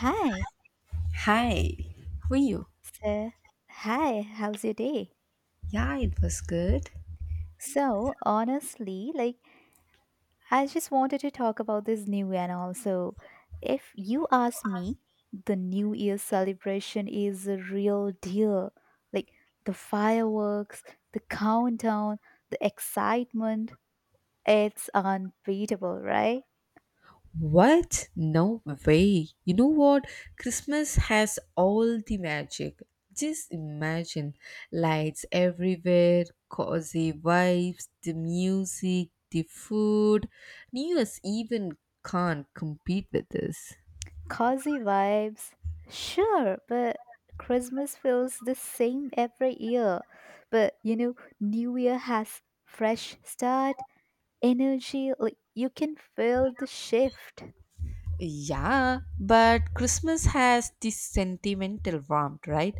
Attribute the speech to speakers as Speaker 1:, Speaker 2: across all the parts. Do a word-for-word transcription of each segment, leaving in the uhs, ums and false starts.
Speaker 1: Hi.
Speaker 2: Hi, how are you?
Speaker 1: So, hi, how's your day?
Speaker 2: Yeah, it was good.
Speaker 1: So, honestly, like, I just wanted to talk about this new year and also, if you ask me, the New Year celebration is a real deal. Like, the fireworks, the countdown, the excitement, it's unbeatable, right?
Speaker 2: What? No way. You know what? Christmas has all the magic. Just imagine lights everywhere, cozy vibes, the music, the food. New Year's even can't compete with this.
Speaker 1: Cozy vibes. Sure, but Christmas feels the same every year. But you know, New Year has fresh start, energy, like you can feel the shift.
Speaker 2: Yeah, but Christmas has this sentimental warmth, right?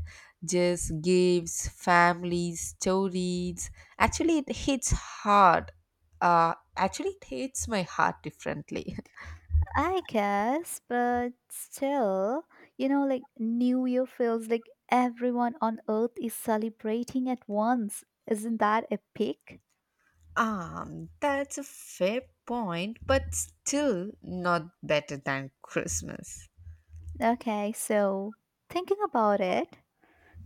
Speaker 2: Just gifts, families, stories. Actually, it hits hard. Uh, actually, it hits my heart differently.
Speaker 1: I guess, but still, you know, like New Year feels like everyone on earth is celebrating at once. Isn't that epic?
Speaker 2: Um, that's a fair point, but still not better than Christmas.
Speaker 1: Okay, so thinking about it,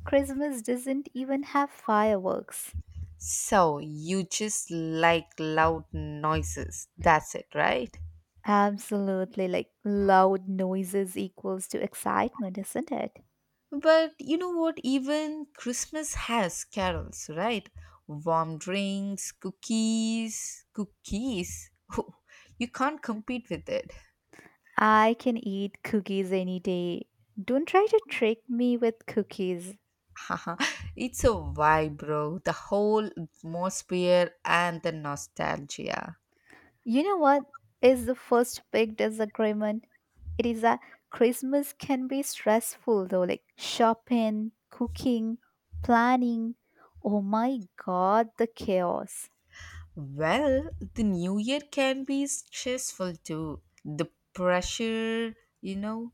Speaker 1: Christmas doesn't even have fireworks.
Speaker 2: So, you just like loud noises. That's it, right?
Speaker 1: Absolutely, like loud noises equals to excitement, isn't it?
Speaker 2: But you know what? Even Christmas has carols, right? Warm drinks, cookies, cookies. You can't compete with it.
Speaker 1: I can eat cookies any day. Don't try to trick me with cookies.
Speaker 2: Haha, it's a vibe, bro. The whole atmosphere and the nostalgia.
Speaker 1: You know what is the first big disagreement? It is that Christmas can be stressful though, like shopping, cooking, planning. Oh my god, the chaos.
Speaker 2: Well, the new year can be stressful too. The pressure, you know,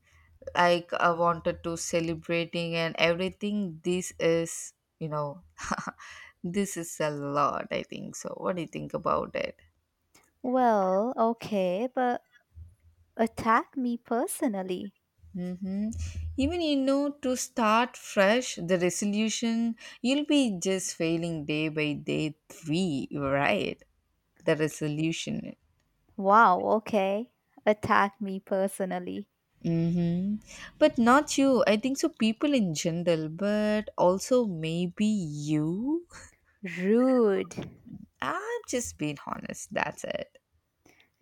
Speaker 2: like I wanted to celebrating and everything. This is you know this is a lot, I think so. What do you think about it?
Speaker 1: Well, okay, but attack me personally.
Speaker 2: hmm Even you know to start fresh, the resolution, you'll be just failing day by day, three, right? The resolution.
Speaker 1: Wow, okay. Attack me personally.
Speaker 2: hmm but not you, I think so. People in general, but also maybe you.
Speaker 1: Rude.
Speaker 2: I'm just being honest, that's it.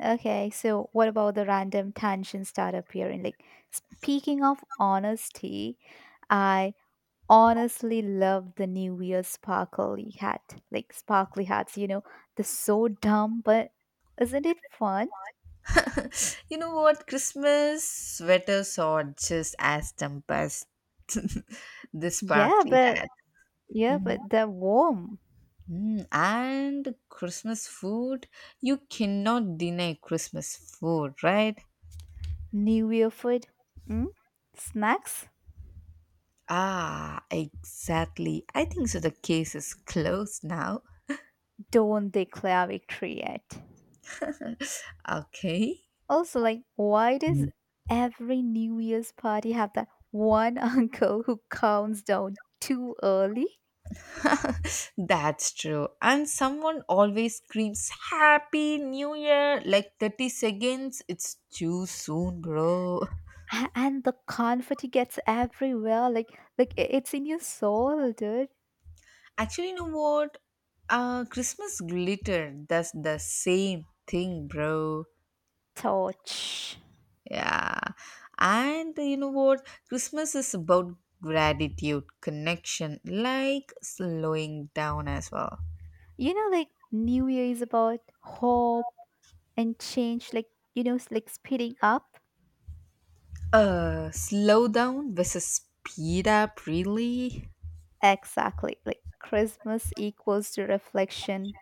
Speaker 1: Okay, so what about the random tension start appearing? Like, speaking of honesty, I honestly love the New Year sparkly hat. Like, sparkly hats, you know, they're so dumb, but isn't it fun?
Speaker 2: You know what? Christmas sweaters are just as tempest this
Speaker 1: Yeah,
Speaker 2: sparkly
Speaker 1: but
Speaker 2: hat.
Speaker 1: yeah,
Speaker 2: Mhm.
Speaker 1: but they're warm.
Speaker 2: Mm, And Christmas food, you cannot deny Christmas food, right?
Speaker 1: New Year food, mm? Snacks,
Speaker 2: Ah, exactly. I think so. The case is closed now.
Speaker 1: don't declare victory yet.
Speaker 2: Okay.
Speaker 1: Also, like, why does every New Year's party have that one uncle who counts down too early?
Speaker 2: That's true. And someone always screams Happy New Year like 30 seconds. It's too soon, bro.
Speaker 1: A- And the confetti gets everywhere. Like, like i- it's in your soul, dude.
Speaker 2: Actually, you know what? Uh, Christmas glitter. That's the same thing, bro.
Speaker 1: Torch,
Speaker 2: Yeah. And you know what? Christmas is about gratitude, connection, like slowing down as well.
Speaker 1: you know, like New Year is about hope and change. Like, you know, s- like speeding up.
Speaker 2: Uh, slow down versus speed up, really?
Speaker 1: Exactly. Like Christmas equals to reflection.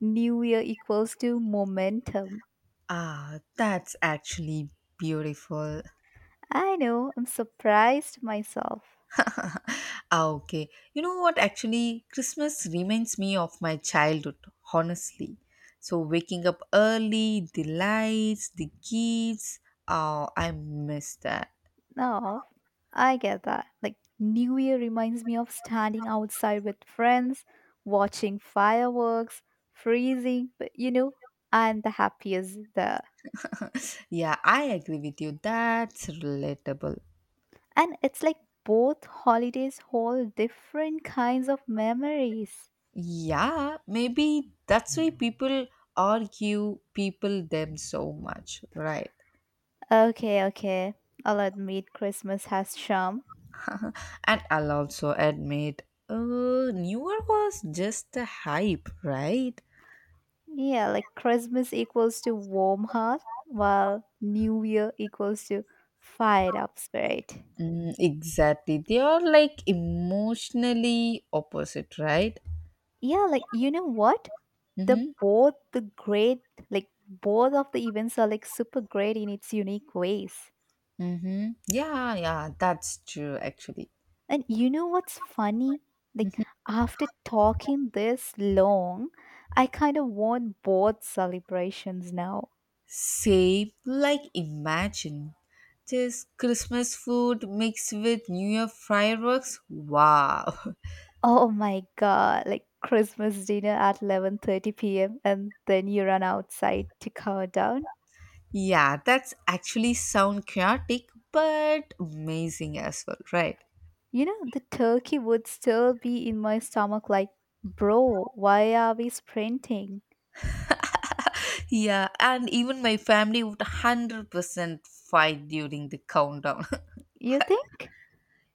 Speaker 1: New Year equals to momentum.
Speaker 2: Ah, that's actually beautiful.
Speaker 1: I know. I'm surprised myself.
Speaker 2: Ah, okay. You know what? Actually, Christmas reminds me of my childhood, honestly. So, waking up early, the lights, the gifts. Oh, I miss that.
Speaker 1: No, I get that. Like, New Year reminds me of standing outside with friends, watching fireworks, freezing, but you know, and the happiest there.
Speaker 2: Yeah, I agree with you. That's relatable.
Speaker 1: And it's like both holidays hold different kinds of memories.
Speaker 2: Yeah, maybe that's why people argue people them so much, right?
Speaker 1: Okay, okay. I'll admit Christmas has charm.
Speaker 2: And I'll also admit, uh, newer was just a hype, right?
Speaker 1: Yeah, like Christmas equals to warm heart, while New Year equals to fired up spirit.
Speaker 2: Mm, exactly. They are like emotionally opposite, right?
Speaker 1: Yeah, like you know what? The
Speaker 2: Mm-hmm.
Speaker 1: both the great, like both of the events are like super great in its unique ways.
Speaker 2: Mm-hmm. Yeah, yeah, that's true actually.
Speaker 1: And you know what's funny, like after talking this long, I kind of want both celebrations now.
Speaker 2: Same, like imagine just Christmas food mixed with New Year fireworks. Wow.
Speaker 1: Oh my god, like Christmas dinner at eleven thirty p m and then you run outside to count down.
Speaker 2: Yeah, that's actually sound chaotic but amazing as well, right?
Speaker 1: You know the turkey would still be in my stomach like, bro, why are we sprinting?
Speaker 2: Yeah, and even my family would one hundred percent fight during the countdown.
Speaker 1: You think?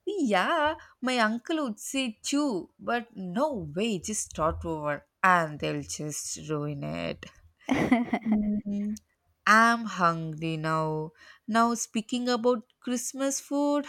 Speaker 2: Yeah, my uncle would say too, but no way, just start over and they'll just ruin it. Mm. I'm hungry now. Now, speaking about Christmas food,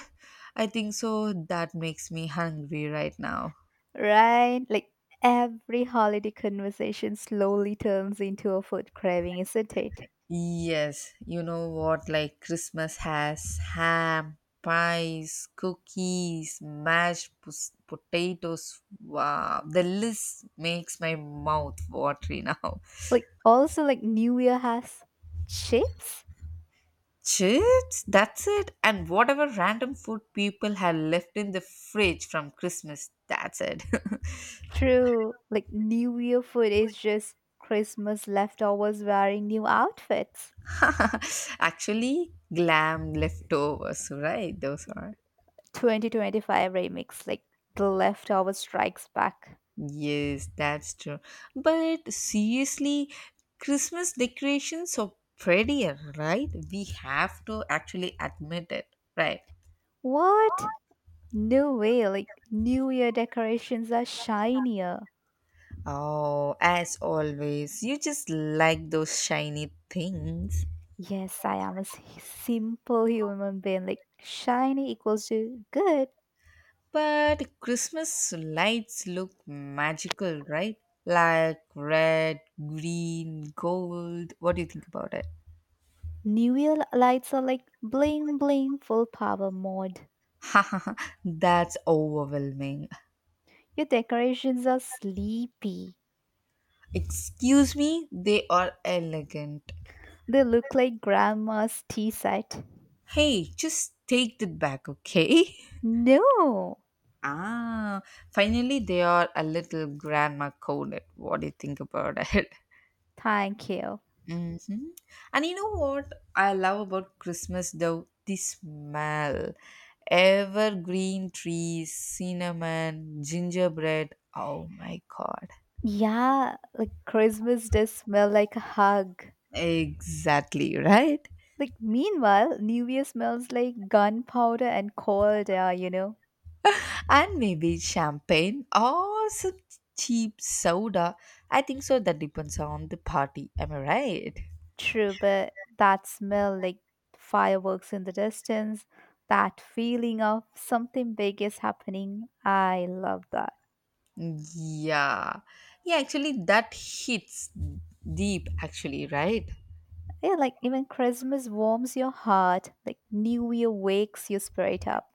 Speaker 2: I think so that makes me hungry right now.
Speaker 1: Right? Like every holiday conversation slowly turns into a food craving, isn't it?
Speaker 2: Yes, you know what? Like Christmas has ham, pies, cookies, mashed pos- potatoes. Wow, the list makes my mouth watery now.
Speaker 1: Like also like New Year has chips.
Speaker 2: Chips, that's it. And whatever random food people had left in the fridge from Christmas, that's it.
Speaker 1: True. Like New Year food is just Christmas leftovers wearing new outfits.
Speaker 2: Actually, glam leftovers, right? Those are.
Speaker 1: twenty twenty-five remix, like the leftover strikes back.
Speaker 2: Yes, that's true. But seriously, Christmas decorations are prettier, right? We have to actually admit it, right?
Speaker 1: What? No way. Like New Year decorations are shinier.
Speaker 2: Oh, as always, you just like those shiny things.
Speaker 1: Yes, I am a s- simple human being. Like shiny equals to good.
Speaker 2: But Christmas lights look magical, right? Like red, green, gold. What do you think about it?
Speaker 1: New Year lights are like bling bling full power mode.
Speaker 2: That's overwhelming.
Speaker 1: Your decorations are sleepy.
Speaker 2: Excuse me, they are elegant.
Speaker 1: They look like grandma's tea set.
Speaker 2: Hey, just take that back, okay?
Speaker 1: No,
Speaker 2: Ah, finally, they are a little grandma coded. What do you think about it?
Speaker 1: thank you.
Speaker 2: hmm And you know what I love about Christmas though? The smell. Evergreen trees, cinnamon, gingerbread. Oh my god.
Speaker 1: Yeah, like Christmas does smell like a hug.
Speaker 2: Exactly, right?
Speaker 1: Like meanwhile, New Year smells like gunpowder and cold air, you know.
Speaker 2: And maybe champagne or some cheap soda. I think so. That depends on the party. Am I right?
Speaker 1: True, but that smell, like fireworks in the distance, that feeling of something big is happening, I love that.
Speaker 2: Yeah. Yeah, actually, that hits deep, actually, right?
Speaker 1: Yeah, like even Christmas warms your heart, like New Year wakes your spirit up.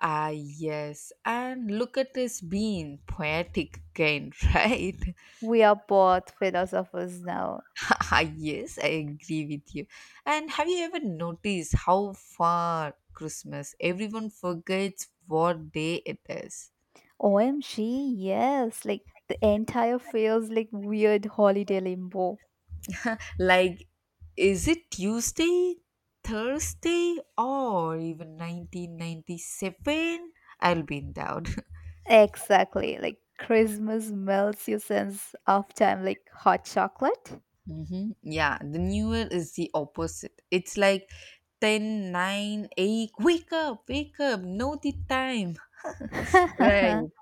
Speaker 2: Ah, yes. And look at us being poetic again, right?
Speaker 1: We are both philosophers now.
Speaker 2: Ah, yes, I agree with you. And have you ever noticed how far Christmas everyone forgets what day it is?
Speaker 1: O M G, yes, like the entire feels like weird holiday limbo.
Speaker 2: Like, is it Tuesday, Thursday, or even nineteen ninety-seven? I'll be in doubt.
Speaker 1: Exactly, like Christmas melts your sense of time like hot chocolate.
Speaker 2: Mm-hmm. Yeah, the newer is the opposite. It's like ten, nine, eight, wake up, wake up, know the time. Right.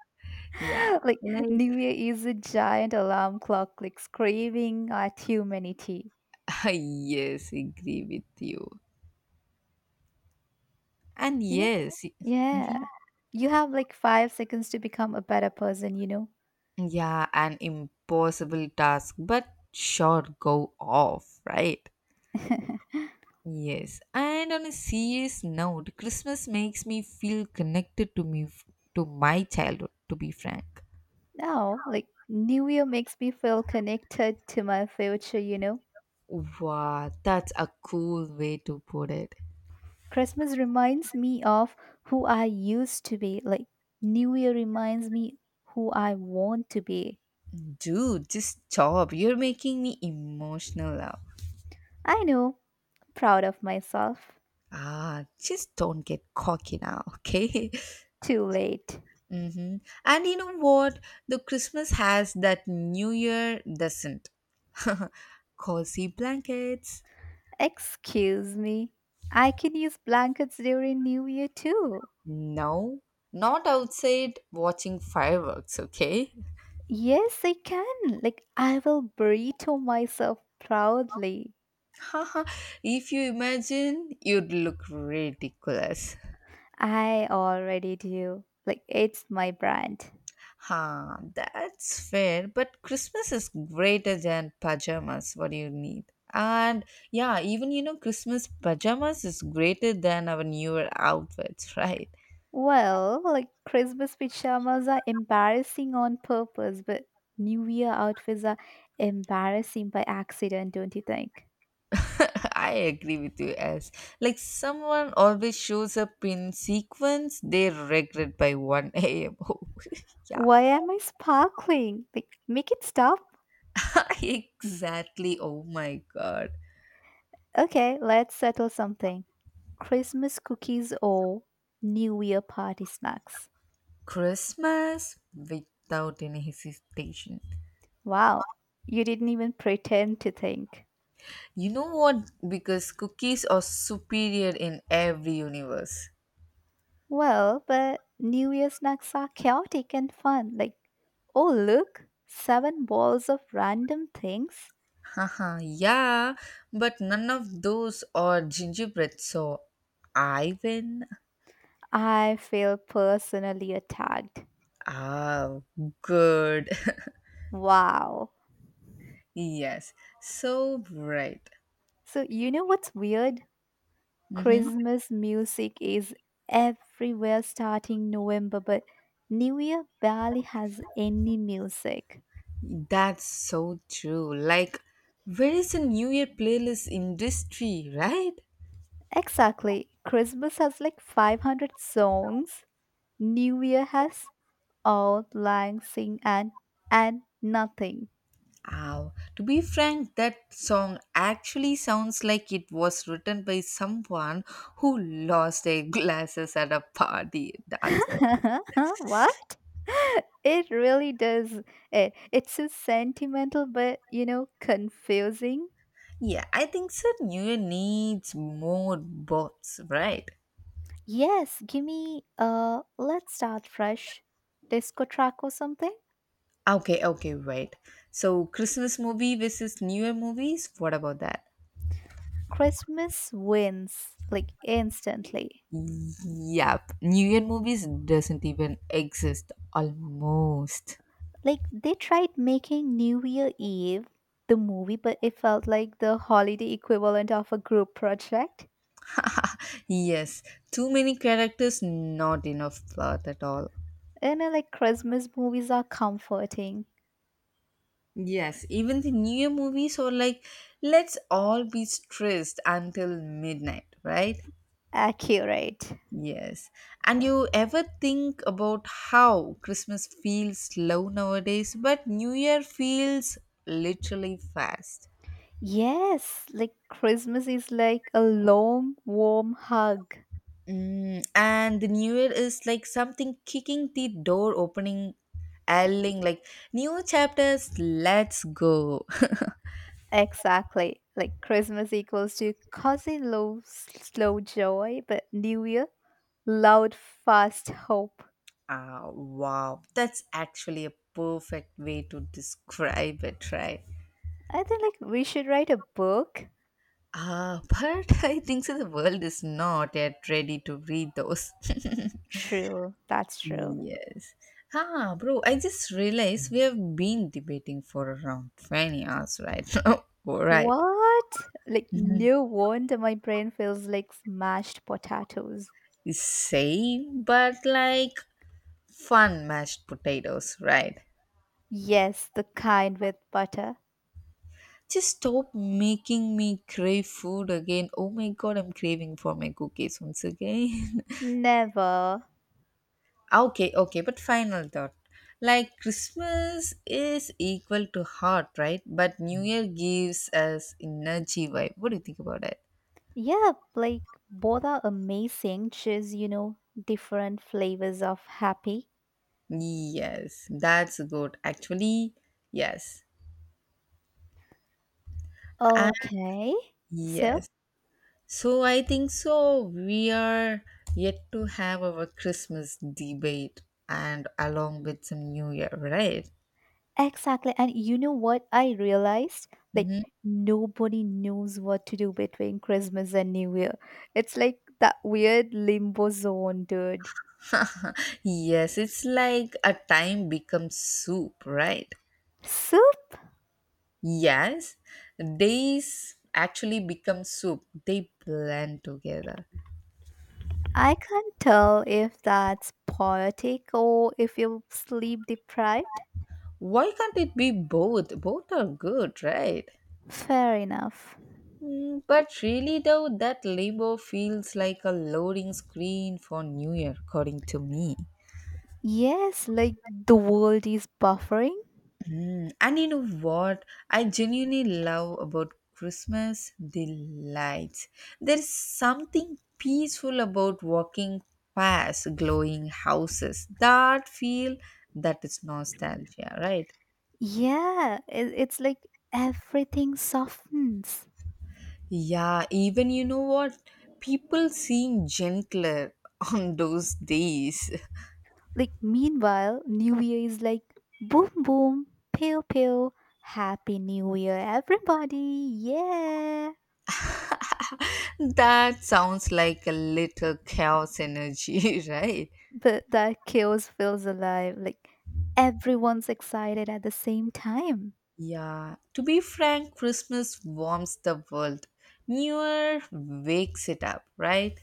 Speaker 2: Yeah,
Speaker 1: like
Speaker 2: like,
Speaker 1: New Year is a giant alarm clock like screaming at humanity.
Speaker 2: yes, agree with you. And
Speaker 1: You know?
Speaker 2: yes,
Speaker 1: Yeah.
Speaker 2: mhm.
Speaker 1: You have like five seconds to become a better person, you know?
Speaker 2: Yeah, an impossible task, but sure, go off, right? Yes, and on a serious note, Christmas makes me feel connected to me, to my childhood, to be frank.
Speaker 1: Now, like New Year makes me feel connected to my future, you know?
Speaker 2: Wow, that's a cool way to put it.
Speaker 1: Christmas reminds me of who I used to be. Like New Year reminds me who I want to be.
Speaker 2: Dude, just stop. You're making me emotional now.
Speaker 1: I know, proud of myself.
Speaker 2: Ah, just don't get cocky now, okay?
Speaker 1: Too late.
Speaker 2: hmm And you know what? The Christmas has that New Year doesn't. Cozy blankets.
Speaker 1: Excuse me, I can use blankets during New Year too.
Speaker 2: No, not outside watching fireworks, okay?
Speaker 1: Yes, I can. Like, I will burrito myself proudly.
Speaker 2: If you imagine, you'd look ridiculous.
Speaker 1: I already do. Like, it's my brand.
Speaker 2: Huh, that's fair, but Christmas is greater than pajamas, what do you need? And yeah, even you know, Christmas pajamas is greater than our newer outfits, right?
Speaker 1: Well, like, Christmas pajamas are embarrassing on purpose, but New Year outfits are embarrassing by accident, don't you think?
Speaker 2: I agree with you, as like someone always shows up in sequence they regret by one a m Oh, yeah,
Speaker 1: Why am I sparkling? Like, make it stop.
Speaker 2: exactly. Oh my god,
Speaker 1: Okay, let's settle something. Christmas cookies or New Year party snacks.
Speaker 2: Christmas without any hesitation.
Speaker 1: Wow, you didn't even pretend to think.
Speaker 2: You know what? Because cookies are superior in every universe.
Speaker 1: Well, but New Year snacks are chaotic and fun. Like, oh, look, seven balls of random things.
Speaker 2: Haha, yeah, but none of those are gingerbread, so I win.
Speaker 1: I feel personally attacked.
Speaker 2: Ah, good.
Speaker 1: Wow.
Speaker 2: Yes, so right.
Speaker 1: So, you know what's weird?
Speaker 2: Mm-hmm.
Speaker 1: Christmas music is everywhere starting November, but New Year barely has any music.
Speaker 2: That's so true. Like, where is the New Year playlist industry, right?
Speaker 1: Exactly. Christmas has like five hundred songs. New Year has All Lang Sing and and nothing.
Speaker 2: Ow. To be frank, that song actually sounds like it was written by someone who lost their glasses at a party. That's it.
Speaker 1: What? It really does. It, it's so sentimental, but you know, confusing.
Speaker 2: Yeah, I think so. New Year needs more bots, right?
Speaker 1: Yes, give me uh let's start fresh disco track or something.
Speaker 2: Okay, okay, wait. So, Christmas movie versus New Year movies, what about that?
Speaker 1: Christmas wins like instantly.
Speaker 2: Yep, New Year movies doesn't even exist almost.
Speaker 1: Like they tried making New Year Eve the movie, but it felt like the holiday equivalent of a group project.
Speaker 2: Yes, too many characters, not enough plot at all.
Speaker 1: And uh, like Christmas movies are comforting,
Speaker 2: Yes, even the New Year movies are like, let's all be stressed until midnight, right?
Speaker 1: accurate.
Speaker 2: Yes. And you ever think about how Christmas feels slow nowadays, but New Year feels literally fast.
Speaker 1: Yes, like Christmas is like a long, warm hug.
Speaker 2: Mm, and the New Year is like something kicking the door opening, yelling like, new chapters, let's go.
Speaker 1: Exactly. Like Christmas equals to cozy, low, slow joy, but New Year, loud, fast hope.
Speaker 2: Ah, wow. That's actually a perfect way to describe it, right?
Speaker 1: I think like we should write a book.
Speaker 2: Ah, but I think so the world is not yet ready to read those.
Speaker 1: True, that's true.
Speaker 2: Yes. Ah, bro, I just realized we have been debating for around 20 hours right now. Alright.
Speaker 1: What? Like,
Speaker 2: Mhm.
Speaker 1: no wonder my brain feels like smashed potatoes.
Speaker 2: Same, but like fun mashed potatoes, right?
Speaker 1: Yes, the kind with butter.
Speaker 2: Just stop making me crave food again. Oh my god, I'm craving for my cookies once again.
Speaker 1: Never.
Speaker 2: Ah, okay, okay, but final thought. Like Christmas is equal to heart, right? But New Year gives us energy vibe. What do you think about it?
Speaker 1: Yeah, like, both are amazing, just, you know, different flavors of happy.
Speaker 2: Yes, that's good. Actually, yes. And
Speaker 1: Okay. So,
Speaker 2: yes. So I think so. We are yet to have our Christmas debate and along with some New Year, right?
Speaker 1: exactly. And you know what I realized? Like,
Speaker 2: hmm
Speaker 1: nobody knows what to do between Christmas and New Year. It's like that weird limbo zone, dude.
Speaker 2: Yes, it's like a time becomes soup, right?
Speaker 1: So,
Speaker 2: Yes, these actually become soup. They blend together.
Speaker 1: I can't tell if that's poetic or if you're sleep deprived.
Speaker 2: Why can't it be both? Both are good, right?
Speaker 1: Fair enough.
Speaker 2: Mm, but really, though, that label feels like a loading screen for New Year, according to me.
Speaker 1: Yes, like the world is buffering.
Speaker 2: And you know what I genuinely love about Christmas? The lights. There's something peaceful about walking past glowing houses. That feel that is nostalgia, right?
Speaker 1: Yeah, it, it's like everything softens.
Speaker 2: Yeah, even you know what? People seem gentler on those days.
Speaker 1: Like, meanwhile, New Year is like boom, boom, pew, pew, happy New Year, everybody. Yeah.
Speaker 2: That sounds like a little chaos energy, right?
Speaker 1: But that chaos feels alive. Like, everyone's excited at the same time.
Speaker 2: Yeah, to be frank, Christmas warms the world. New Year wakes it up, right?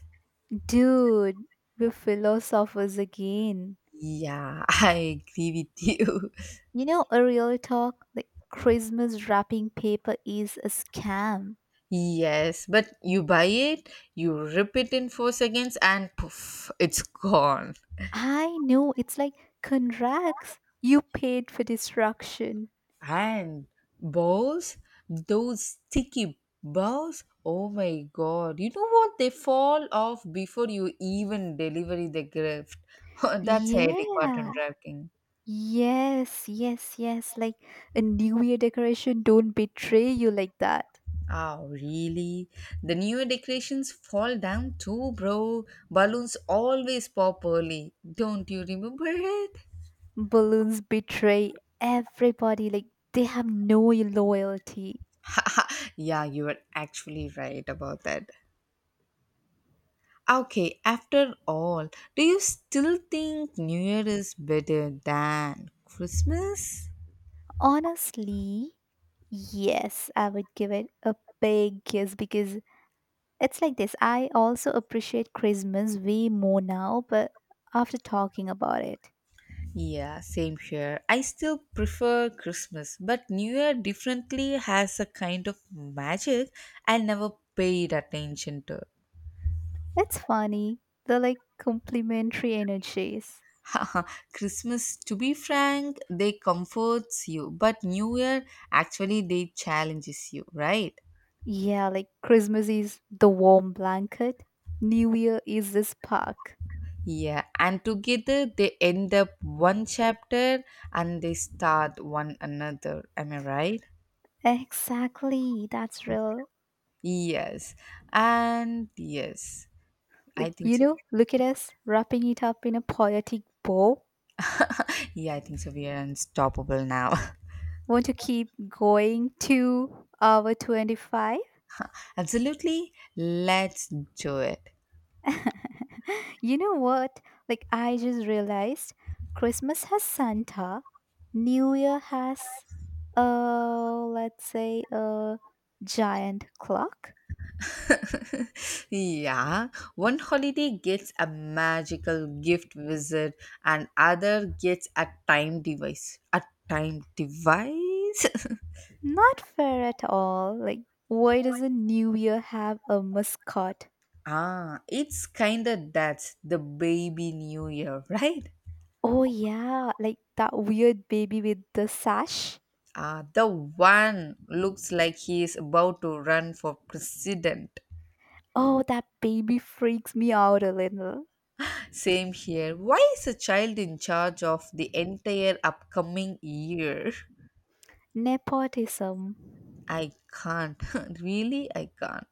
Speaker 1: Dude, we are philosophers again.
Speaker 2: Yeah, I agree with you.
Speaker 1: You know, a real talk, like Christmas wrapping paper is a scam.
Speaker 2: Yes, but you buy it, you rip it in four seconds, and poof, it's gone.
Speaker 1: I know, it's like contracts. You paid for destruction.
Speaker 2: And balls, those sticky balls, oh my god, you know what? They fall off before you even deliver the gift. That's a headache part
Speaker 1: Yeah.
Speaker 2: on.
Speaker 1: Yes, yes, yes. Like a New Year decoration don't betray you like that.
Speaker 2: Oh, really? The newer decorations fall down too, bro. Balloons always pop early. Don't you remember it?
Speaker 1: Balloons betray everybody. Like they have no loyalty.
Speaker 2: Yeah, you are actually right about that. Okay, after all, do you still think New Year is better than Christmas?
Speaker 1: Honestly, yes, I would give it a big yes because it's like this. I also appreciate Christmas way more now, but after talking about it,
Speaker 2: Yeah, same here. I still prefer Christmas, but New Year differently has a kind of magic I never paid attention to.
Speaker 1: it's funny. They're like complementary energies.
Speaker 2: Christmas, to be frank, they comforts you, but New Year actually they challenges you, right?
Speaker 1: Yeah, like Christmas is the warm blanket, New Year is the spark.
Speaker 2: Yeah, and together they end up one chapter and they start one another. Am I right?
Speaker 1: Exactly, that's real.
Speaker 2: Yes, and yes, I
Speaker 1: Like,
Speaker 2: think
Speaker 1: you
Speaker 2: so.
Speaker 1: know, look at us wrapping it up in a poetic bow.
Speaker 2: Yeah, I think so. We are unstoppable now.
Speaker 1: Want to keep going to hour twenty-five?
Speaker 2: Absolutely, let's do it.
Speaker 1: You know what, like I just realized, Christmas has Santa, New Year has uh let's say a giant clock.
Speaker 2: Yeah, one holiday gets a magical gift wizard, and other gets a time device. A time device?
Speaker 1: Not fair at all, like why doesn't New Year have a mascot?
Speaker 2: Ah, it's kinda that's the baby new year, right?
Speaker 1: Oh yeah, like that weird baby with the sash.
Speaker 2: Ah, the one looks like he is about to run for president.
Speaker 1: Oh, that baby freaks me out a little.
Speaker 2: Same here. Why is a child in charge of the entire upcoming year?
Speaker 1: Nepotism.
Speaker 2: I can't. Really, I can't.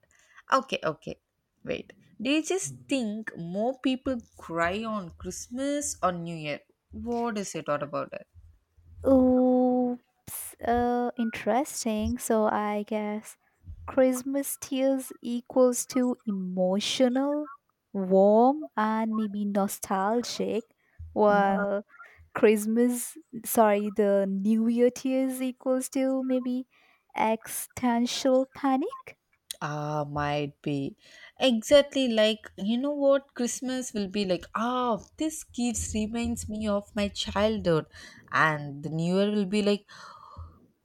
Speaker 2: Okay, okay. Wait. Do you just think more people cry on Christmas or New Year? What is your thought about it?
Speaker 1: Oops, uh, interesting. So I guess Christmas tears equals to emotional, warm, and maybe nostalgic,
Speaker 2: Mhm.
Speaker 1: while Christmas, sorry, the New Year tears equals to maybe existential panic.
Speaker 2: Ah, might be. Exactly like, you know what? Christmas will be like, ah, this gift reminds me of my childhood. And the New Year will be like,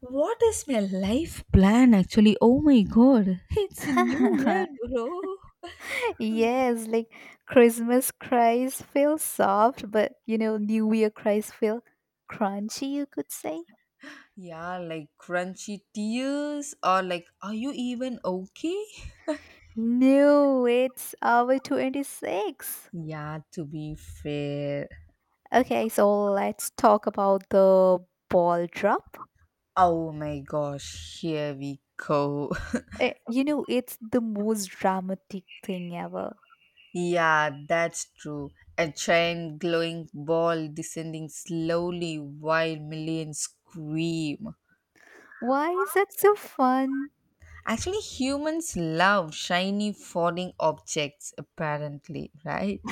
Speaker 2: what is my life plan actually? Oh my god, it's a new year, bro.
Speaker 1: Yes, like Christmas cries feel soft, but you know, New Year cries feel crunchy, you could say.
Speaker 2: Yeah, like crunchy tears or like, are you even okay?
Speaker 1: No, it's hour twenty-six.
Speaker 2: Yeah, to be fair.
Speaker 1: Okay, so let's talk about the ball drop.
Speaker 2: Oh my gosh, here we go.
Speaker 1: Eh, you know, it's the most dramatic thing ever.
Speaker 2: Yeah, that's true. A giant glowing ball descending slowly while millions scream.
Speaker 1: Why is that so fun?
Speaker 2: Actually, humans love shiny falling objects, apparently, right?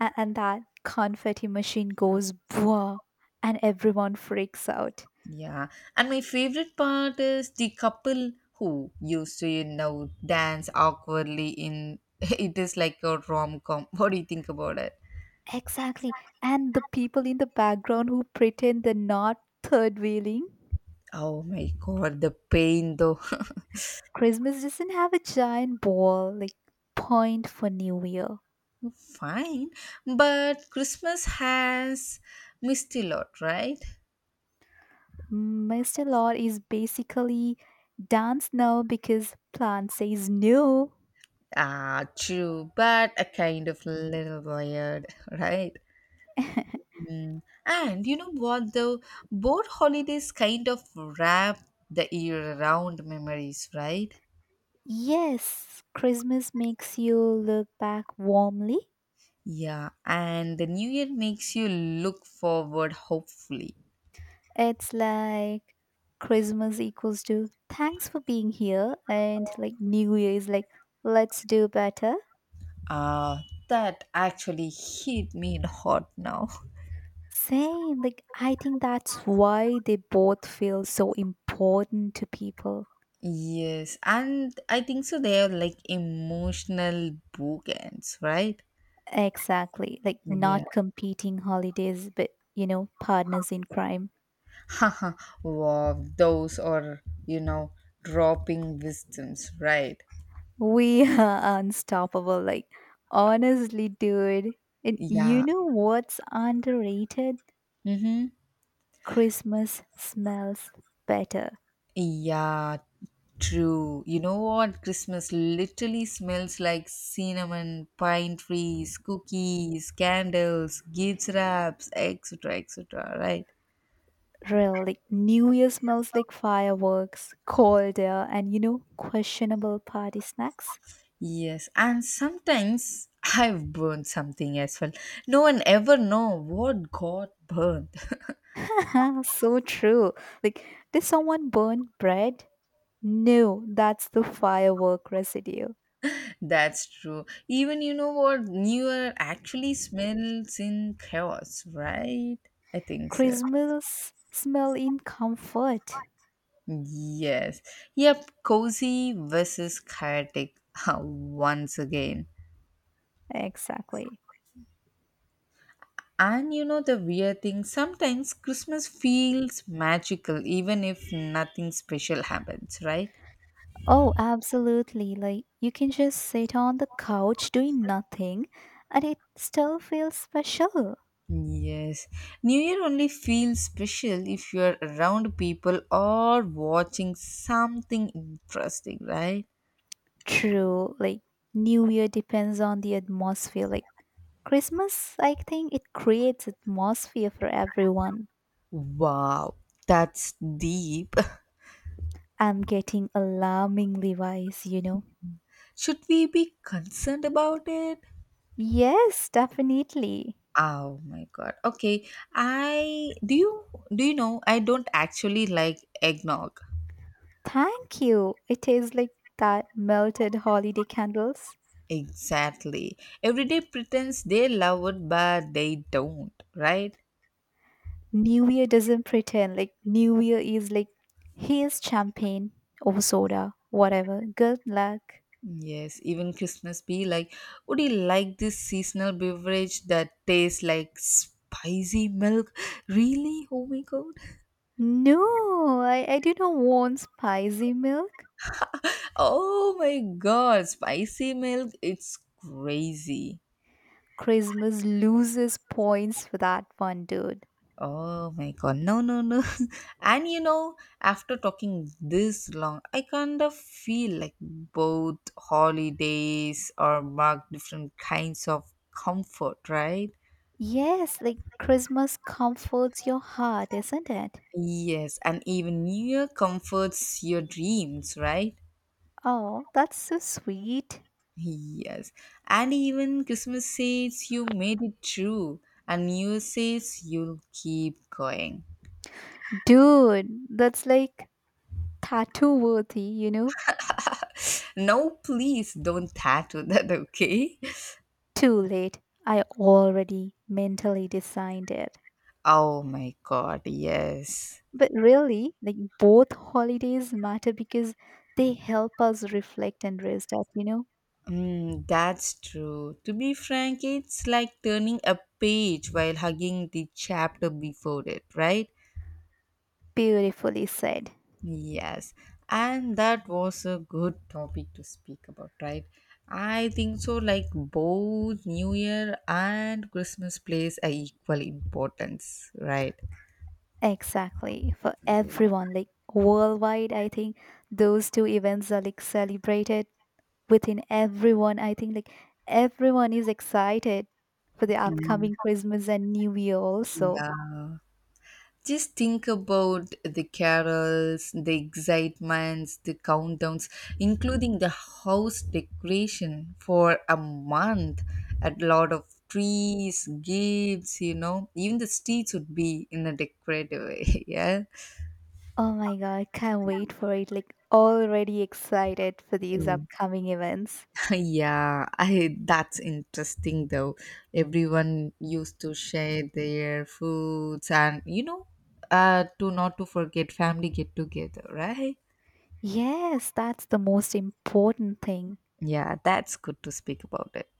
Speaker 1: A- and that confetti machine goes bwah, and everyone freaks out.
Speaker 2: Yeah, and my favorite part is the couple who used to you know dance awkwardly in it is like a rom com. What do you think about it?
Speaker 1: Exactly. And the people in the background who pretend they're not third wheeling.
Speaker 2: Oh my god, the pain though.
Speaker 1: Christmas doesn't have a giant ball, like point for New Year.
Speaker 2: Fine, but Christmas has missed a lot, right?
Speaker 1: Master is basically dance now because plant says no.
Speaker 2: Ah, true, but a kind of little weird, right? Mm. And you know what though? Both holidays kind of wrap the year around memories, right?
Speaker 1: Yes, Christmas makes you look back warmly.
Speaker 2: Yeah, and the new year makes you look forward hopefully.
Speaker 1: It's like Christmas equals to thanks for being here, and like New Year is like let's do better.
Speaker 2: Ah, that actually hit me hard now.
Speaker 1: Same, like I think that's why they both feel so important to people.
Speaker 2: Yes, and I think so they are like emotional bookends, right?
Speaker 1: Exactly, like
Speaker 2: Yeah.
Speaker 1: not competing holidays, but you know, partners in crime.
Speaker 2: Haha, wow, those are, you know, dropping wisdoms, right?
Speaker 1: We are unstoppable. Like, honestly, dude. And you
Speaker 2: Yeah.
Speaker 1: know what's underrated?
Speaker 2: Mm-hmm.
Speaker 1: Christmas smells better.
Speaker 2: Yeah, true. You know what? Christmas literally smells like cinnamon, pine trees, cookies, candles, gifts wraps, et cetera, et cetera. Right?
Speaker 1: Real, like, New Year smells like fireworks, cold air, and you know, questionable party snacks.
Speaker 2: Yes. And sometimes I've burned something as well. No one ever know what got burned.
Speaker 1: So true. Like, did someone burn bread? No, that's the firework residue.
Speaker 2: That's true. Even you know what? New Year actually smells in chaos, right? I think so.
Speaker 1: Christmas smell in comfort.
Speaker 2: Yes. Yep. Cozy versus chaotic uh, once again.
Speaker 1: Exactly.
Speaker 2: And you know the weird thing, sometimes Christmas feels magical even if nothing special happens, right?
Speaker 1: Oh, absolutely. Like you can just sit on the couch doing nothing and it still feels special.
Speaker 2: Yes. New Year only feels special if you're around people or watching something interesting, right?
Speaker 1: True. Like New Year depends on the atmosphere. Like Christmas, I think it creates atmosphere for everyone.
Speaker 2: Wow, that's deep.
Speaker 1: I'm getting alarmingly wise, you know.
Speaker 2: Should we be concerned about it?
Speaker 1: Yes, definitely.
Speaker 2: Oh my god. Okay. I do you Do you know I don't actually like eggnog.
Speaker 1: Thank you. It tastes like that melted holiday candles.
Speaker 2: Exactly. Every day pretends they love it but they don't, right?
Speaker 1: New Year doesn't pretend. Like New Year is like, here's champagne or soda, whatever. Good luck.
Speaker 2: Yes, even Christmas be like, would you like this seasonal beverage that tastes like spicy milk? Really? Oh my god.
Speaker 1: No, I, I do not want spicy milk.
Speaker 2: Oh my god, spicy milk, it's crazy.
Speaker 1: Christmas loses points for that one, dude.
Speaker 2: Oh my god, no, no, no. And you know, after talking this long, I kind of feel like both holidays are mark different kinds of comfort, right?
Speaker 1: Yes, like Christmas comforts your heart, isn't it?
Speaker 2: Yes, and even New Year comforts your dreams, right?
Speaker 1: Oh, that's so sweet.
Speaker 2: Yes, and even Christmas says you made it through, and New Year says you'll keep going.
Speaker 1: Dude, that's like tattoo worthy, you know?
Speaker 2: No, please don't tattoo that, okay?
Speaker 1: Too late. I already mentally designed it.
Speaker 2: Oh my god, yes.
Speaker 1: But really, like both holidays matter because they help us reflect and rest up, you know?
Speaker 2: Mm, that's true. To be frank, it's like turning a page while hugging the chapter before it, right?
Speaker 1: Beautifully said.
Speaker 2: Yes, and that was a good topic to speak about, right? I think so. Like both New Year and Christmas plays a equal importance, right?
Speaker 1: Exactly. For
Speaker 2: Yeah.
Speaker 1: everyone, like worldwide, I think those two events are like celebrated within everyone. I think like everyone is excited for the upcoming Christmas and New Year also.
Speaker 2: Yeah, just think about the carols, the excitements, the countdowns, including the house decoration for a month. A lot of trees, gifts, you know, even the streets would be in a decorative way. Yeah.
Speaker 1: Oh my God, can't wait for it. Like already excited for these
Speaker 2: Mm.
Speaker 1: upcoming events.
Speaker 2: Yeah, I that's interesting though. Everyone used to share their foods and you know, uh to not to forget family get together, right?
Speaker 1: Yes, that's the most important thing.
Speaker 2: Yeah, that's good to speak about it.